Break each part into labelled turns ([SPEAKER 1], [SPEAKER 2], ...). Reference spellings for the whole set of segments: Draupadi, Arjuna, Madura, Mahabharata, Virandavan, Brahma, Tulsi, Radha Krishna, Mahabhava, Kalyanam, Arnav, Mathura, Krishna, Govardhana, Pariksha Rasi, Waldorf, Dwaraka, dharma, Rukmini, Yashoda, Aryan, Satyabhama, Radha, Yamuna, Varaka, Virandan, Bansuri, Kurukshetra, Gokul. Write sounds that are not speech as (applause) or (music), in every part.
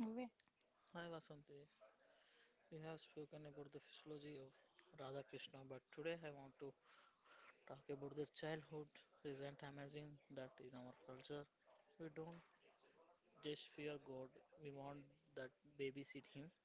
[SPEAKER 1] We-
[SPEAKER 2] Hi Vasanti, we have spoken about the physiology of Radha Krishna, but today I want to talk about their childhood. Isn't amazing that in our culture we don't just fear God, we want that babysit him.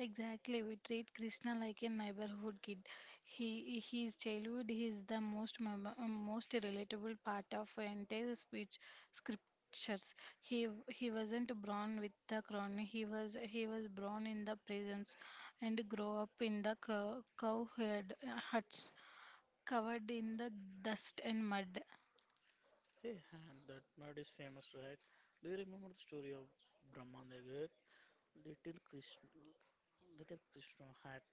[SPEAKER 1] Exactly, we treat Krishna like a neighborhood kid. He his childhood is the most most relatable part of our entire speech scriptures. He wasn't born with the crown. He was born in the prisons and grow up in the cow herd, huts covered in the dust and mud.
[SPEAKER 2] Hey, and that mud is famous, right? Do you remember the story of Brahma and the goat? Little Krishna, little Krishna had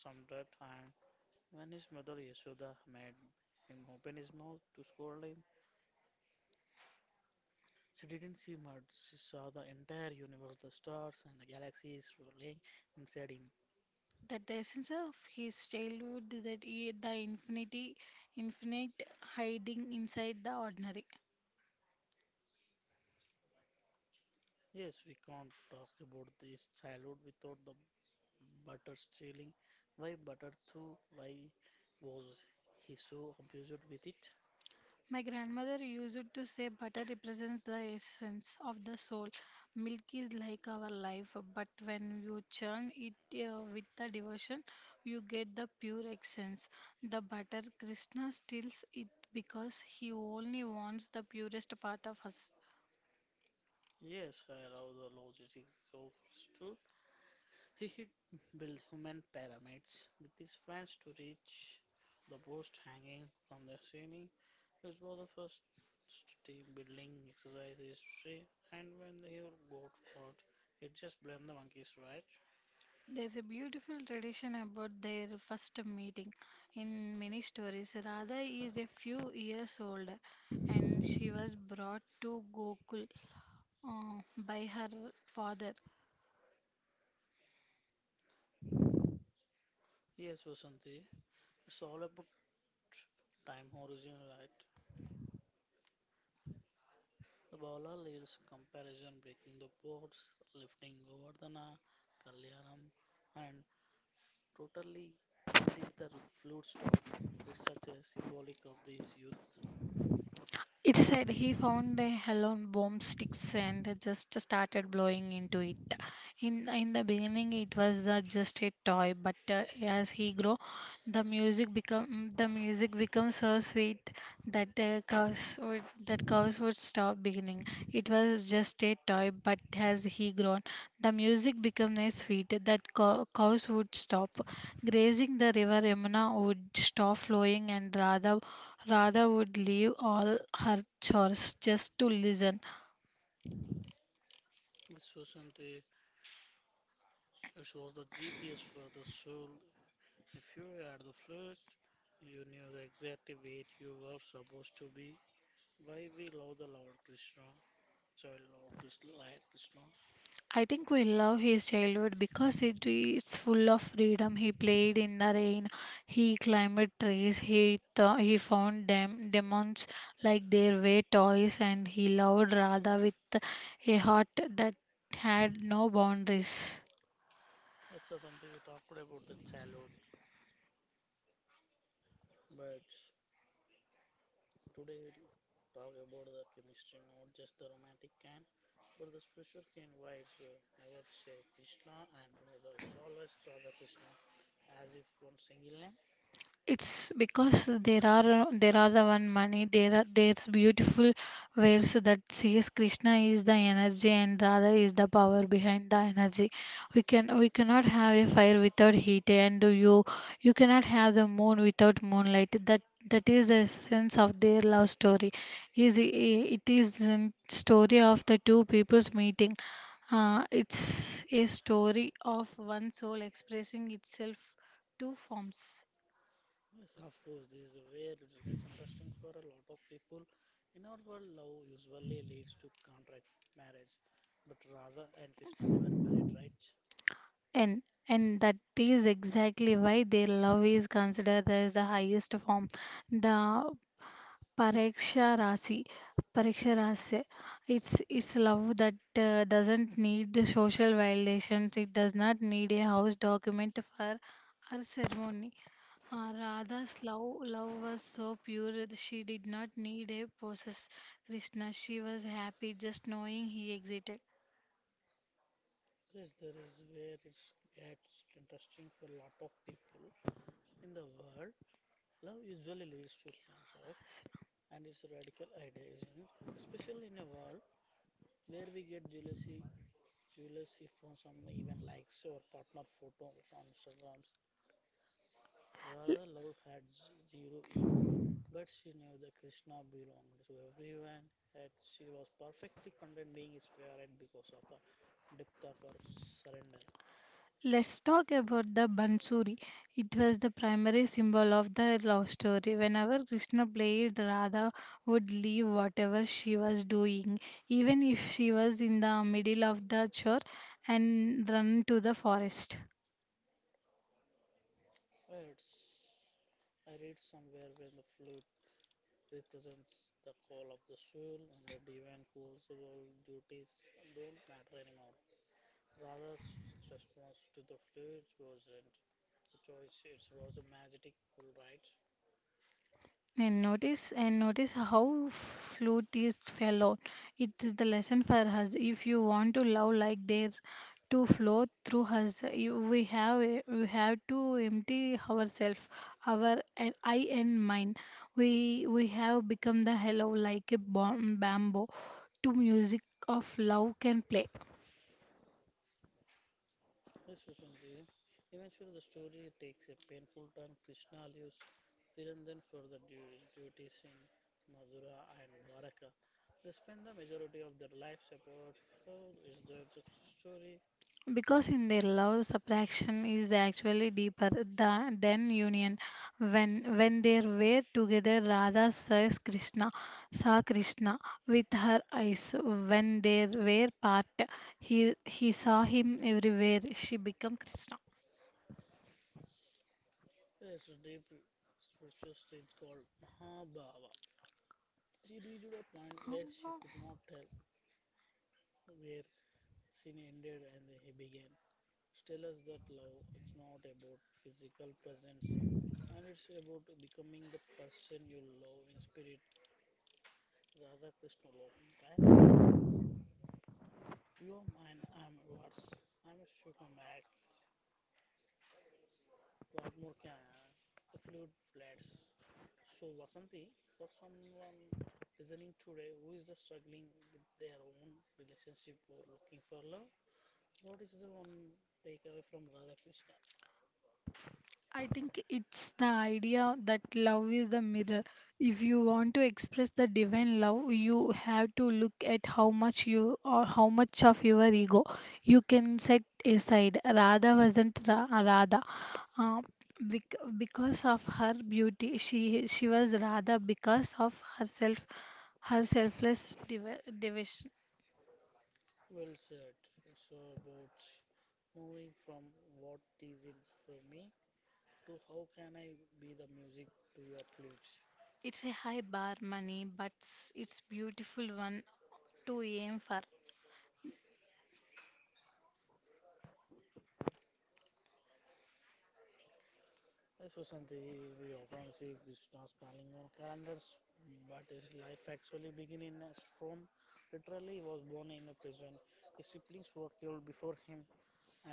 [SPEAKER 2] some dirt, and when his mother Yashoda made him open his mouth to scold him, she didn't see mud, she saw the entire universe, the stars and the galaxies swirling inside him.
[SPEAKER 1] That the essence of his childhood that he, the infinity infinite hiding inside the ordinary.
[SPEAKER 2] Yes, we can't talk about this childhood without the butter stealing. Why butter too? Why was he so obsessed with it?
[SPEAKER 1] My grandmother used to say butter represents the essence of the soul. Milk is like our life, but when you churn it, with the devotion, you get the pure essence. The butter Krishna steals it because he only wants the purest part of us.
[SPEAKER 2] Yes, I love the logistics of truth. He hid built human pyramids with his friends to reach the post hanging from the ceiling. It was the first team building exercise in history, and when they he got caught, it just blamed the monkeys, right?
[SPEAKER 1] There's a beautiful tradition about their first meeting. In many stories, Radha is a few years older and she was brought to Gokul, by her father.
[SPEAKER 2] Yes, Vasanti, it's all about time horizon, right? The bowler leads comparison, breaking the boards, lifting Govardhana, Kalyanam, and totally when did the flute start? It's such a symbolic of this youth.
[SPEAKER 1] It said he found a helium bomb sticks and just started blowing into it. In the beginning, it was just a toy, but as he grew, the music becomes so sweet that that cows would stop beginning. It was just a toy, but as he grown, the music became a sweet that cows would stop grazing. The river Yamuna would stop flowing, and Radha would leave all her chores just to listen.
[SPEAKER 2] Yes, Vasanti, it was the GPS for the soul. If you were at the flat, you knew exactly where you were supposed to be. Why we love the Lord Krishna, child Lord Krishna, Lord Krishna.
[SPEAKER 1] I think we love his childhood because it is full of freedom. He played in the rain, he climbed trees, he he found demons like their way toys, and he loved Radha with a heart that had no boundaries.
[SPEAKER 2] This is something we talked about the childhood, but today we'll talk about the chemistry, not just the romantic kind, but the spiritual kind. Why it's never say Krishna and Radha, it's always Radha Krishna, as if one single name.
[SPEAKER 1] It's because there are the one, money, there's beautiful verse that says Krishna is the energy and Radha is the power behind the energy. We cannot have a fire without heat and you cannot have the moon without moonlight. That is the essence of their love story. Is It is a story of the two people's meeting. It's a story of one soul expressing itself two forms.
[SPEAKER 2] Yes, of course, this is where it gets interesting for a lot of people. In our world, love usually leads to contract marriage, but Radha and Krishna never married, right?
[SPEAKER 1] And and that is exactly why their love is considered as the highest form. The Pariksha Rasi, Pariksha Rasi, it's love that doesn't need the social validations. It does not need a house document for our ceremony. Radha's love was so pure that she did not need a possess Krishna. She was happy just knowing he existed.
[SPEAKER 2] Yes, there is where it gets interesting for a lot of people. In the world, love usually leads to contract, and it's a radical idea, isn't it? Especially in a world where we get jealousy, jealous if on some even likes our partner photo on Instagrams Radha Love had z- zero ego, but she knew that Krishna belonged to everyone and she was perfectly content being his favorite because of the depth of her surrender.
[SPEAKER 1] Let's talk about the Bansuri. It was the primary symbol of the love story. Whenever Krishna played, Radha would leave whatever she was doing, even if she was in the middle of the chore, and run to the forest.
[SPEAKER 2] It's, I read somewhere when the flute represents the call of the soul and the divine calls about duties don't matter anymore. Radha's response to the flute wasn't a choice, it was a magic full right.
[SPEAKER 1] And notice how flute is fellow. It is the lesson for us. If you want to love like this, to flow through us, we we have to empty ourselves, our eye and mind. We we have become the hello like a bamboo to music of love can play.
[SPEAKER 2] Yes, Vasanthi. Eventually, the story takes a painful turn. Krishna leaves Virandan for the du- duties in Madura and Dwaraka. They spend the majority of their lives apart. How is that the story?
[SPEAKER 1] Because in their love, subtraction is actually deeper than union. When they were together, saw Krishna with her eyes. When they were part, he saw him everywhere. She became Krishna.
[SPEAKER 2] It's a deep spiritual stage called Mahabhava. She reached a point where she could not tell where sin ended and he began. She tells us that love is not about physical presence and it's about becoming the person you love in spirit Radhakrishna Logan Pass. You are mine, I am yours. I am Shukun Mac. What more can I The flute flats. So, Vasanti, for someone listening today who is just struggling with their own relationship or looking for love, what is the one takeaway from Radhakrishna?
[SPEAKER 1] I think it's the idea that love is the mirror. If you want to express the divine love, you have to look at how much of your ego you can set aside. Radha wasn't Radha. Uh, because of her beauty, she was Radha because of herself, her selfless devotion.
[SPEAKER 2] Well said. It's all about moving from what is it for me to how can I be the music to your flute.
[SPEAKER 1] It's a high bar, money, but it's beautiful one to aim for.
[SPEAKER 2] Yes, Vasanti, we often see Krishna smiling on calendars, but his life actually began in a storm. Literally, he was born in a prison. His siblings were killed before him,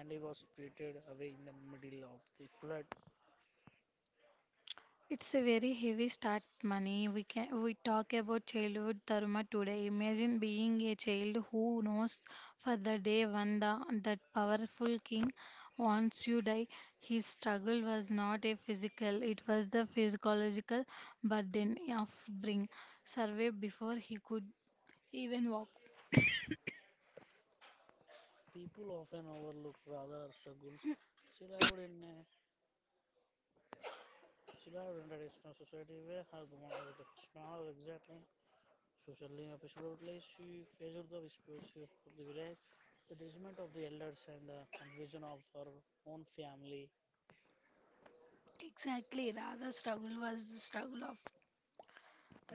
[SPEAKER 2] and he was spirited away in the middle of the flood.
[SPEAKER 1] It's a very heavy start, money. We talk about childhood dharma today. Imagine being a child who knows for the day when that powerful king wants you die. His struggle was not a physical, it was the physiological burden of bring survey before he could even walk.
[SPEAKER 2] People often overlook Radha's struggles. She lived in a she lived in a traditional society where her woman was a Krishna exactly socially and absolutely, she faced the whispers of the village, the judgment of the elders, and the confusion of her own family.
[SPEAKER 1] Exactly, rather struggle was the struggle of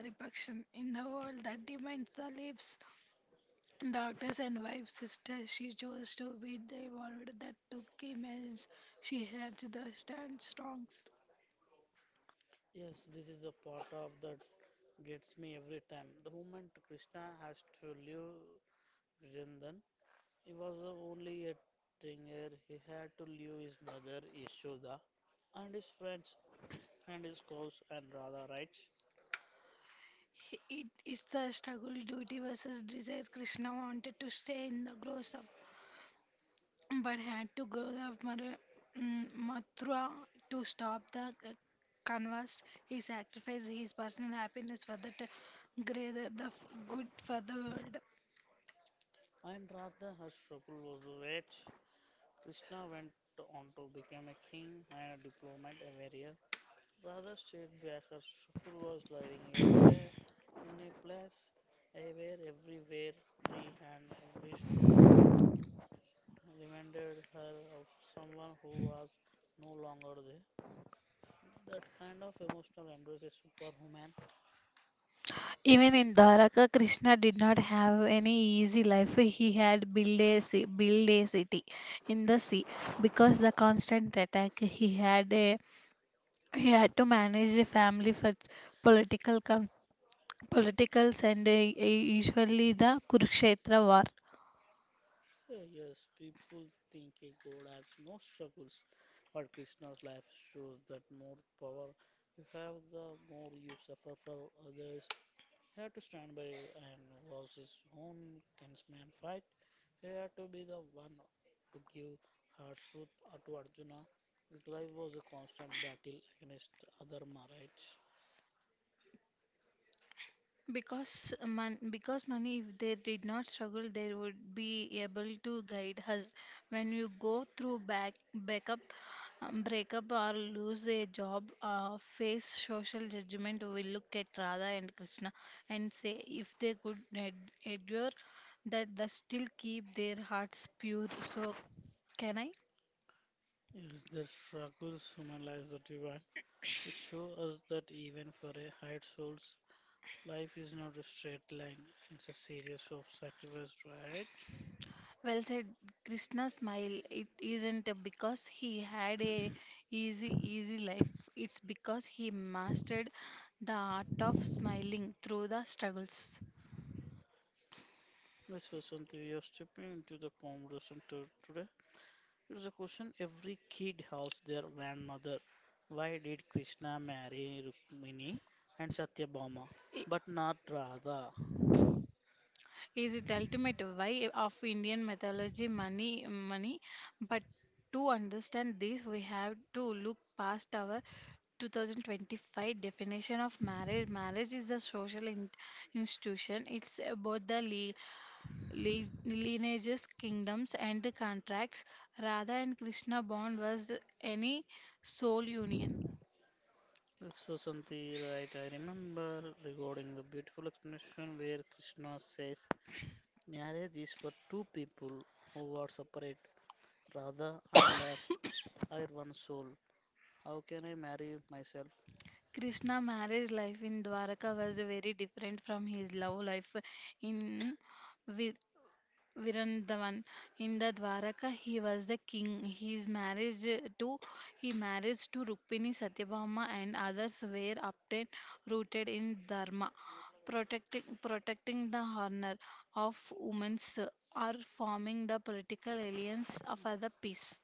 [SPEAKER 1] repression in the world that demands the lips. Doctors and wife sister, she chose to be the world that took him as she had to the stand strong.
[SPEAKER 2] Yes, this is a part of that gets me every time. The moment Krishna has to leave Vrindan, he was only a teenager. He had to leave his mother Yashoda and his friends and his cows and Radha, right?
[SPEAKER 1] It is the struggle duty versus desire. Krishna wanted to stay in the growth of, but had to grow up Mathura to stop the canvas. He sacrificed his personal happiness for the greater the good for the world.
[SPEAKER 2] And Radha, her struggle was the wage. Krishna went on to become a king and a diplomat, a warrior, rather stayed back. Her school was living every day in a place where everywhere tree and every stone reminded her of someone who was no longer there. That kind of emotional endurance is superhuman.
[SPEAKER 1] Even in Dwaraka, Krishna did not have any easy life. He had build a city in the sea because the constant attack. He had to manage a family for political politicals and usually the Kurukshetra war.
[SPEAKER 2] Yes, people think a god has no struggles, but Krishna's life shows that more power you have, the more you suffer for others. Had to stand by and watch his own kinsman fight. He had to be the one to give harsh truth to Arjuna. His life was a constant battle against other right?
[SPEAKER 1] Because because money, if they did not struggle, they would be able to guide us. When you go through breakup, or lose a job, face social judgment, we look at Radha and Krishna and say if they could endure that, they still keep their hearts pure. So can I?
[SPEAKER 2] Yes, the struggles human lives are divine. It shows us that even for a high souls, life is not a straight line. It's a series of sacrifices, right?
[SPEAKER 1] Well said, Krishna smile. It isn't because he had a easy life. It's because he mastered the art of smiling through the struggles.
[SPEAKER 2] This was something we are stepping into the conversation to today. It's a question every kid asks their grandmother. Why did Krishna marry Rukmini and Satyabhama,
[SPEAKER 1] I-
[SPEAKER 2] but not Radha?
[SPEAKER 1] Is it ultimate why of Indian mythology, money? But to understand this, we have to look past our 2025 definition of marriage. Marriage is a social institution. It's about the le- lineages, kingdoms, and the contracts. Radha and Krishna bond was any soul union.
[SPEAKER 2] This was something right. I remember regarding the beautiful explanation where Krishna says marriage is for two people who are separate, Radha and I are one soul. How can I marry myself?
[SPEAKER 1] Krishna marriage life in Dwaraka was very different from his love life in Virandavan in the Dwaraka. He was the king. His marriage to he marriage to Rukmini Satyabhama and others were obtained rooted in Dharma, protecting the honor of women or forming the political alliance of the peace.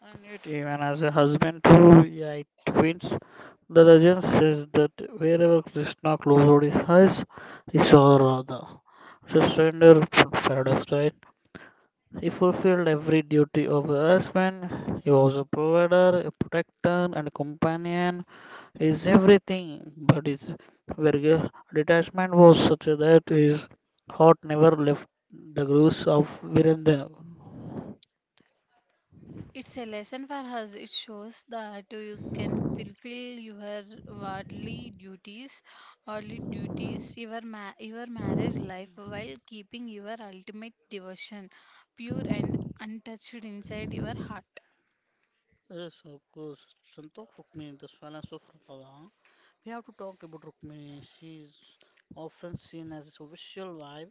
[SPEAKER 2] And yet, even as a husband to yeah, twins, the legend says that wherever Krishna closed his eyes, he saw Radha. It's a surrender paradox, right? He fulfilled every duty of a husband. He was a provider, a protector, and a companion. He is everything, but his very detachment was such that his heart never left the grooves of Virendra.
[SPEAKER 1] It's a lesson for us. It shows that you can fulfill your worldly duties, your your marriage life while keeping your ultimate devotion pure and untouched inside your heart.
[SPEAKER 2] Yes, of course. Santokh Rukmini, the silence of Rukava. We have to talk about Rukmini. She's often seen as a visual wife,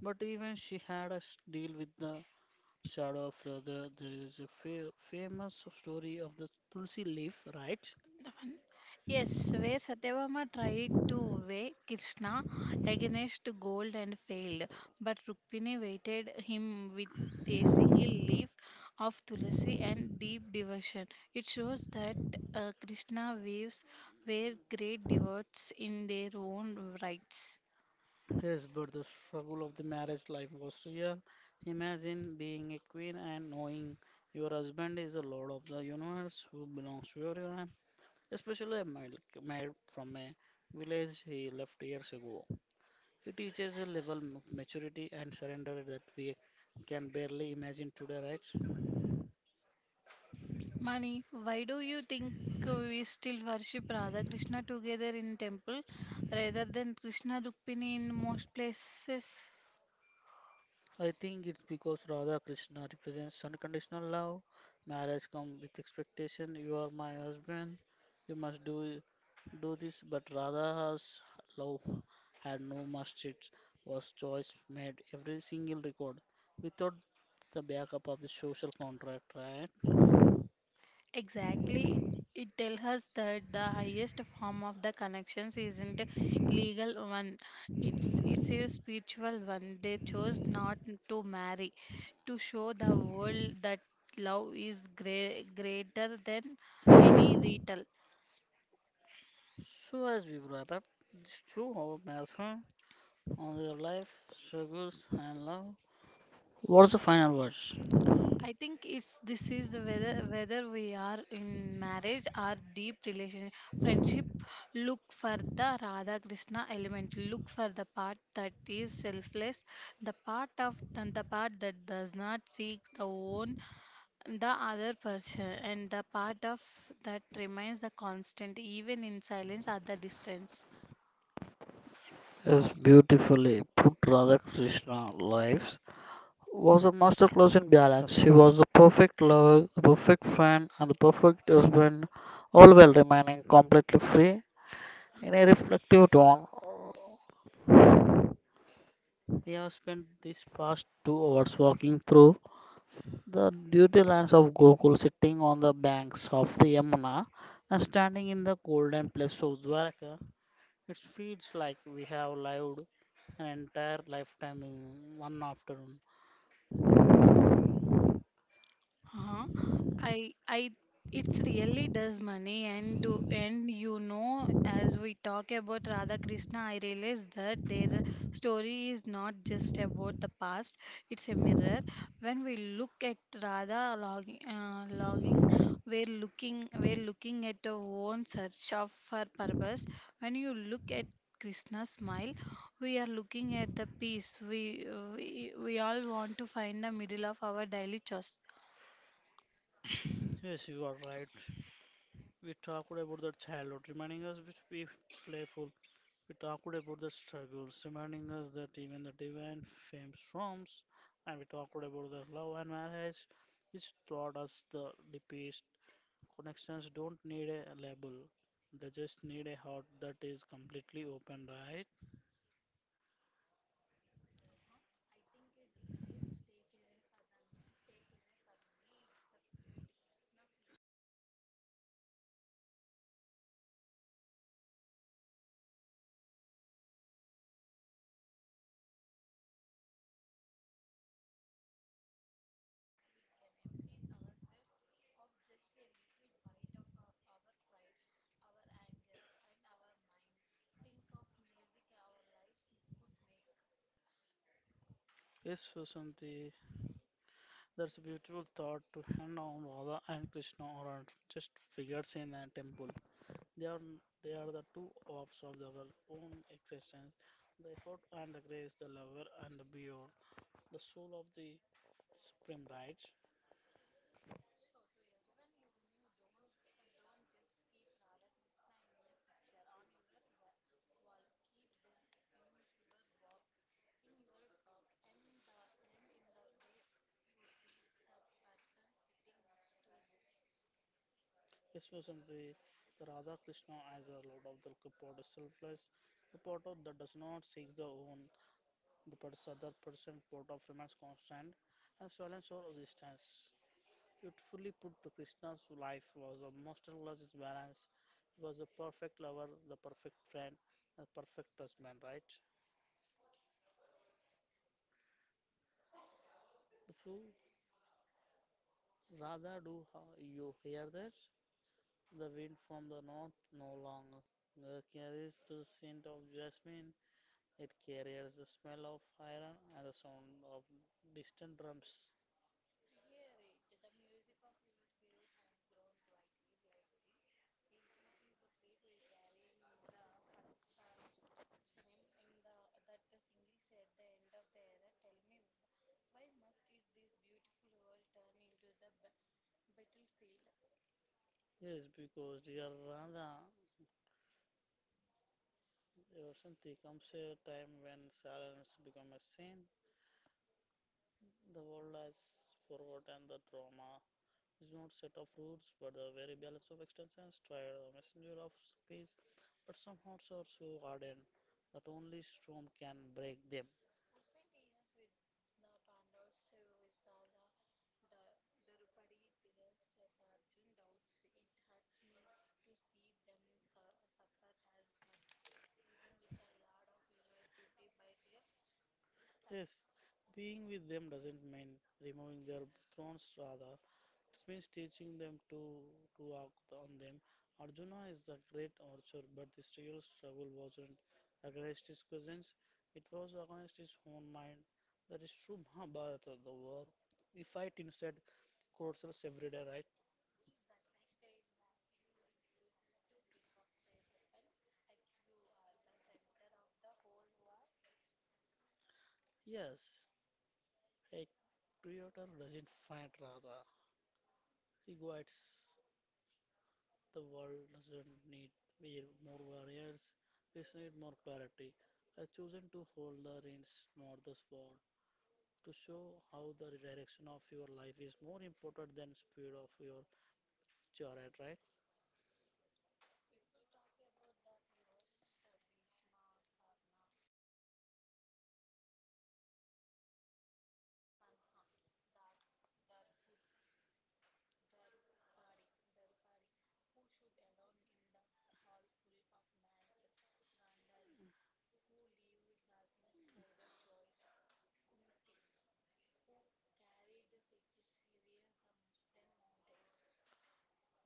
[SPEAKER 2] but even she had a s- deal with the shadow of her. The, there is a fa famous story of the Tulsi leaf, right?
[SPEAKER 1] Yes, where Satyabhama tried to weigh Krishna against gold and failed, but Rukmini weighted him with a single leaf of tulsi and deep devotion. It shows that Krishna waves were great devotees in their own rights.
[SPEAKER 2] Yes, but the struggle of the marriage life was real. Imagine being a queen and knowing your husband is a lord of the universe who belongs to you especially a male from a village he left years ago. He teaches a level of maturity and surrender that we can barely imagine today, right?
[SPEAKER 1] Mani, why do you think we still worship Radha Krishna together in temple rather than Krishna Rukmini in most places?
[SPEAKER 2] I think it's because Radha Krishna represents unconditional love. Marriage comes with expectation. You are my husband. You must do this. But Radha's love had no must. It was choice made every single record without the backup of the social contract, right?
[SPEAKER 1] Exactly. It tells us that the highest form of the connections isn't a legal one. It's a spiritual one. They chose not to marry to show the world that love is greater than any ritual.
[SPEAKER 2] So, as we wrap up this 2 hour marathon on their life, struggles, and love, what's the final words?
[SPEAKER 1] I think it's this is the whether we are in marriage or deep relation friendship. Look for the Radha Krishna element. Look for the part that is selfless, the part of and the part that does not seek the own the other person, and the part of that remains the constant even in silence at the distance.
[SPEAKER 2] As beautifully put, Radha Krishna lives was a masterclass in balance. She was the perfect lover, the perfect friend, and the perfect husband, all while remaining completely free. In a reflective tone, we have spent these past 2 hours walking through the duty lands of Gokul sitting on the banks of the Yamuna and standing in the golden place of Dwaraka, it feels like we have lived an entire lifetime in one afternoon.
[SPEAKER 1] Huh? I it's really does money and do and as we talk about Radha Krishna, I realize that their story is not just about the past. It's a mirror. When we look at Radha logging, we're looking at our own search of her purpose. When you look at Krishna's smile, we are looking at the peace we all want to find the middle of our daily chores.
[SPEAKER 2] Yes, you are right. We talked about the childhood, reminding us to be playful. We talked about the struggles, reminding us that even the divine fame storms, and we talked about the love and marriage, which taught us the deepest connections don't need a label. They just need a heart that is completely open, right? Yes, Susanti, that's a beautiful thought to hand on Radha and Krishna are just figures in a temple. They are they are the two halves of our own existence, the effort and the grace, the lover and the beyond, the soul of the supreme right. Yes, Susanti, the Radha Krishna as the Lord of the part is selfless, the part of that does not seek the own, the pers- other person port of remains constant and silence or resistance. Beautifully put to Krishna's life was a masterclass in balance. He was the perfect lover, the perfect friend, the perfect husband, right? The fool, rather do ha- you hear that? The wind from the north no longer carries the scent of jasmine. It carries the smell of iron and the sound of distant drums. Yes, because dear Radha Vasanti, comes a time when silence becomes a sin. The world has forgotten the trauma. It's not set of rules, but the very balance of extensions. Tried the messenger of peace, but some hearts are so hardened that only storm can break them. Yes, being with them doesn't mean removing their thrones. Rather, it means teaching them to act on them. Arjuna is a great archer, but this real struggle wasn't against his cousins, it was against his own mind. That is true Mahabharata, the war. We fight inside ourselves every day, right? Yes, a creator doesn't fight rather he guides. The world doesn't need we more warriors. We need more clarity. I've chosen to hold the reins, not the sword, to show how the direction of your life is more important than speed of your chariot, right?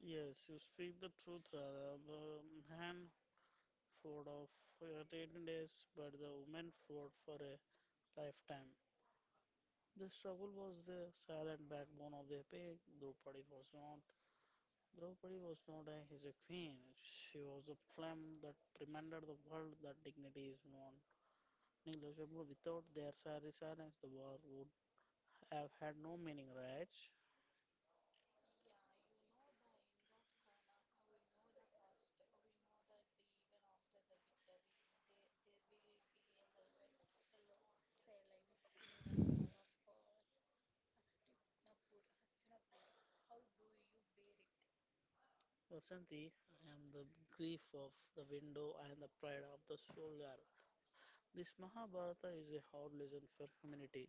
[SPEAKER 2] Yes, you speak the truth, Radha. The man fought of for 18 days, but the woman fought for a lifetime. The struggle was the silent backbone of the epic. Draupadi was not. Draupadi was not a, his a queen. She was a flame that reminded the world that dignity is not negligible. Without their silent silence, the war would have had no meaning, right? Vasanti, I am the grief of the window and the pride of the soldier. This Mahabharata is a hard lesson for humanity.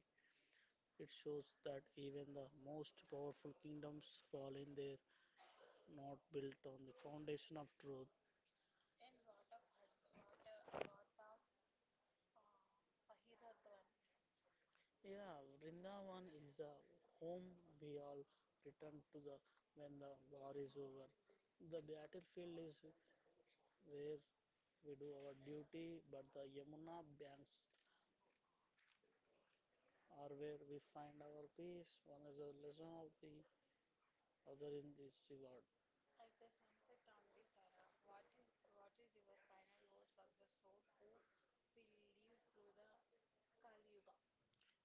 [SPEAKER 2] It shows that even the most powerful kingdoms fall in there, not built on the foundation of truth. Yeah, Vrindavan is the home we all return to the when the war is over. The battlefield is where we do our duty, but the Yamuna banks are where we find our peace. One is a lesson of the other in this regard.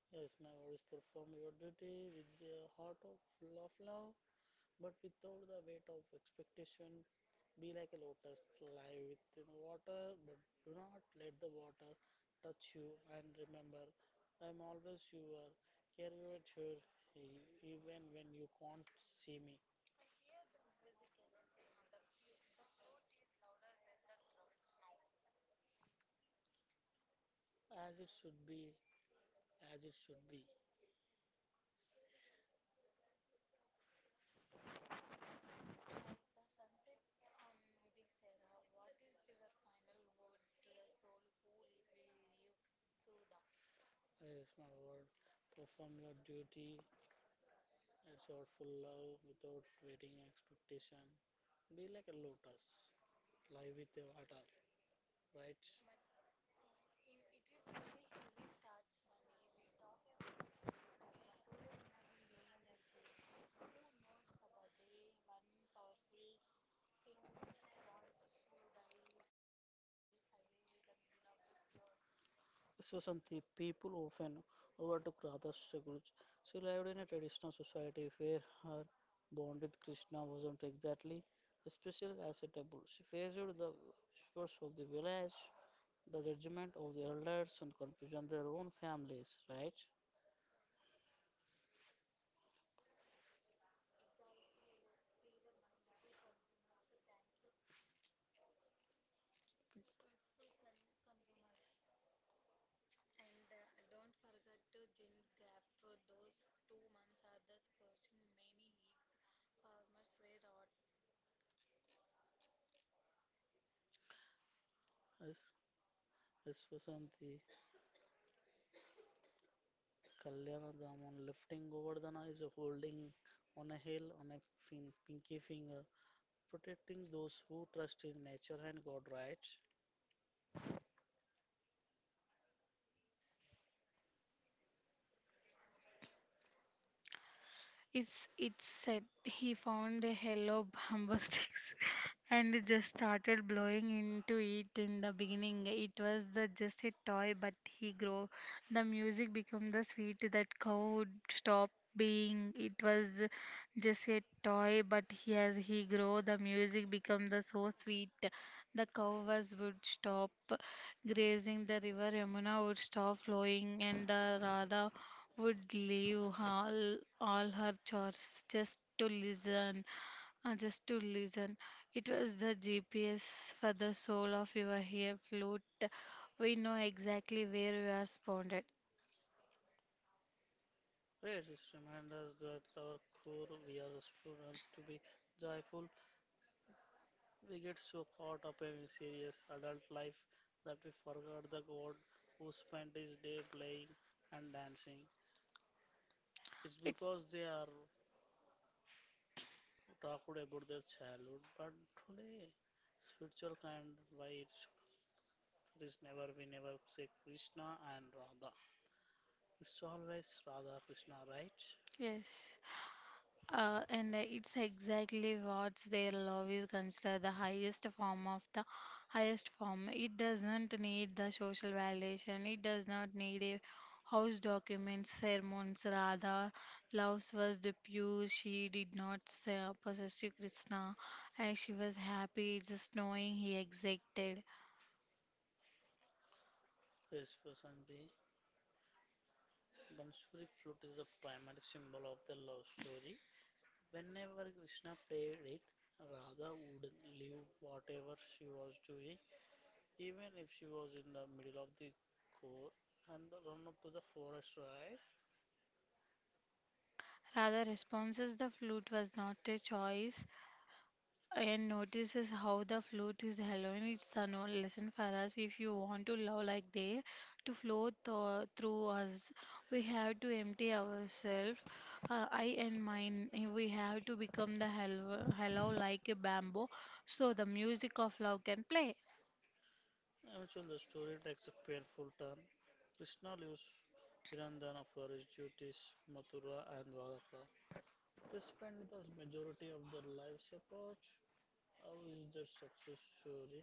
[SPEAKER 2] Yes, my voice, perform your duty with the heart of full of love, but without the weight of expectation. Be like a lotus, lie within the water, but do not let the water touch you. And remember, I am always your carrier, here, even when you can't see me. As it should be, as it should be. Yes, my word. Perform your duty. It's all full love without waiting expectation. Be like a lotus. Live with the water, right? So some the people often overlook other struggles. She lived in a traditional society where her bond with Krishna wasn't exactly especially acceptable. She faced the whispers of the village, the judgment of the elders, and confusion their own families, right? As yes, yes, Vasanti. Kalyana Daman lifting Govardhana is holding on a hill on a pinky finger, protecting those who trust in nature and God, right?
[SPEAKER 1] It said he found a yellow bamboo sticks (laughs) and just started blowing into it in the beginning. It was just a toy, but he grew. The music became the sweet that cow would stop being. It was just a toy, but as he grew, the music became the so sweet. The cow was would stop grazing. The river Yamuna would stop flowing, and the Radha would leave all her chores just to listen. It was the GPS for the soul of your hair flute. We know exactly where you are spawned.
[SPEAKER 2] Yes, it reminds us that our core we are supposed to be joyful. We get so caught up in serious adult life that we forgot the God who spent his day playing and dancing. It's
[SPEAKER 1] It's
[SPEAKER 2] because they are talked about their childhood, but today spiritual kind why it's it is never, we never say Krishna and Radha. It's always Radha Krishna, right?
[SPEAKER 1] Yes. And it's exactly what their love is considered the highest form. It does not need the social validation. It does not need a house documents, sermons. Radha, love was the pure. She did not possess to Krishna, and she was happy just knowing he existed.
[SPEAKER 2] Yes, Vasanti. Bansuri flute is the primary symbol of the love story. Whenever Krishna played it, Radha would leave whatever she was doing, even if she was in the middle of the core, and run up to the forest, right?
[SPEAKER 1] Radha responses the flute was not a choice. And notices how the flute is alone. It's a no lesson for us. If you want to love like they, to flow through us, we have to empty ourselves. I and mine, we have to become the hello like a bamboo, so the music of love can play.
[SPEAKER 2] Eventually, the story takes a painful turn. Krishna leaves Virandana for his duties, Mathura and Varaka. They spend the majority of their lives apart. How is their success story?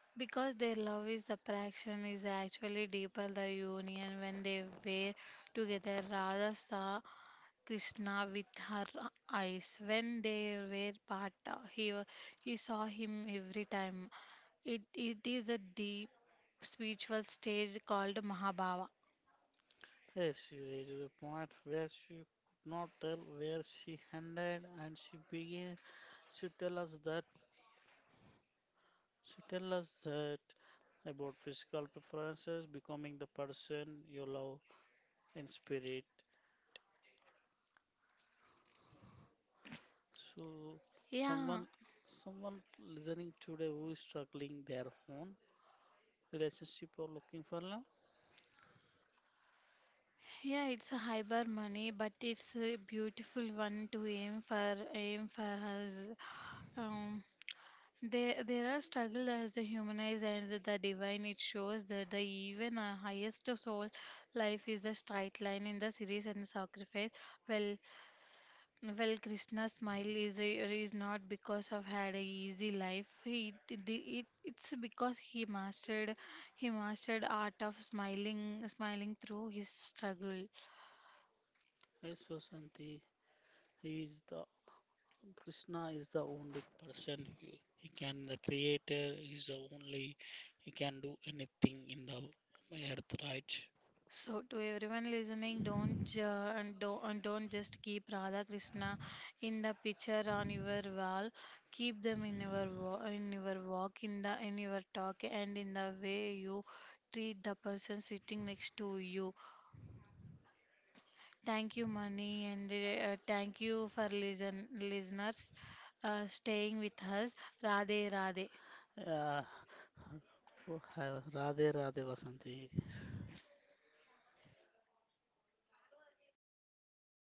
[SPEAKER 1] Because their love is attraction is actually deeper the union when they were together. Radha saw Krishna with her eyes. When they were apart, he, wa- he saw him every time. It is a deep spiritual stage called Mahabhava.
[SPEAKER 2] Yes, she reached a point where she could not tell where she ended, and she began to tell us that she tell us that about physical preferences, becoming the person you love in spirit. So,
[SPEAKER 1] Yeah,
[SPEAKER 2] someone someone listening today who is struggling their own relationship or looking for love.
[SPEAKER 1] yeah, it's a hyper money, but it's a beautiful one to aim for. Aim for us. Um, there, are struggle as the humanized and the divine. It shows that the even highest soul life is the straight line in the series and sacrifice. Well, Well, Krishna's smile is not because of had a easy life. He it, it it's because he mastered art of smiling through his struggle.
[SPEAKER 2] Yes, Vasanti, he is the Krishna is the only person who he can the creator is the only, he can do anything in the earth, right.
[SPEAKER 1] So to everyone listening, don't ju- and don't just keep Radha Krishna in the picture on your wall. Keep them in your walk, in the in your talk, and in the way you treat the person sitting next to you. Thank you, Mani, and thank you for listeners staying with us. Radhe, Radhe.
[SPEAKER 2] uh, Radhe Radhe Vasanti.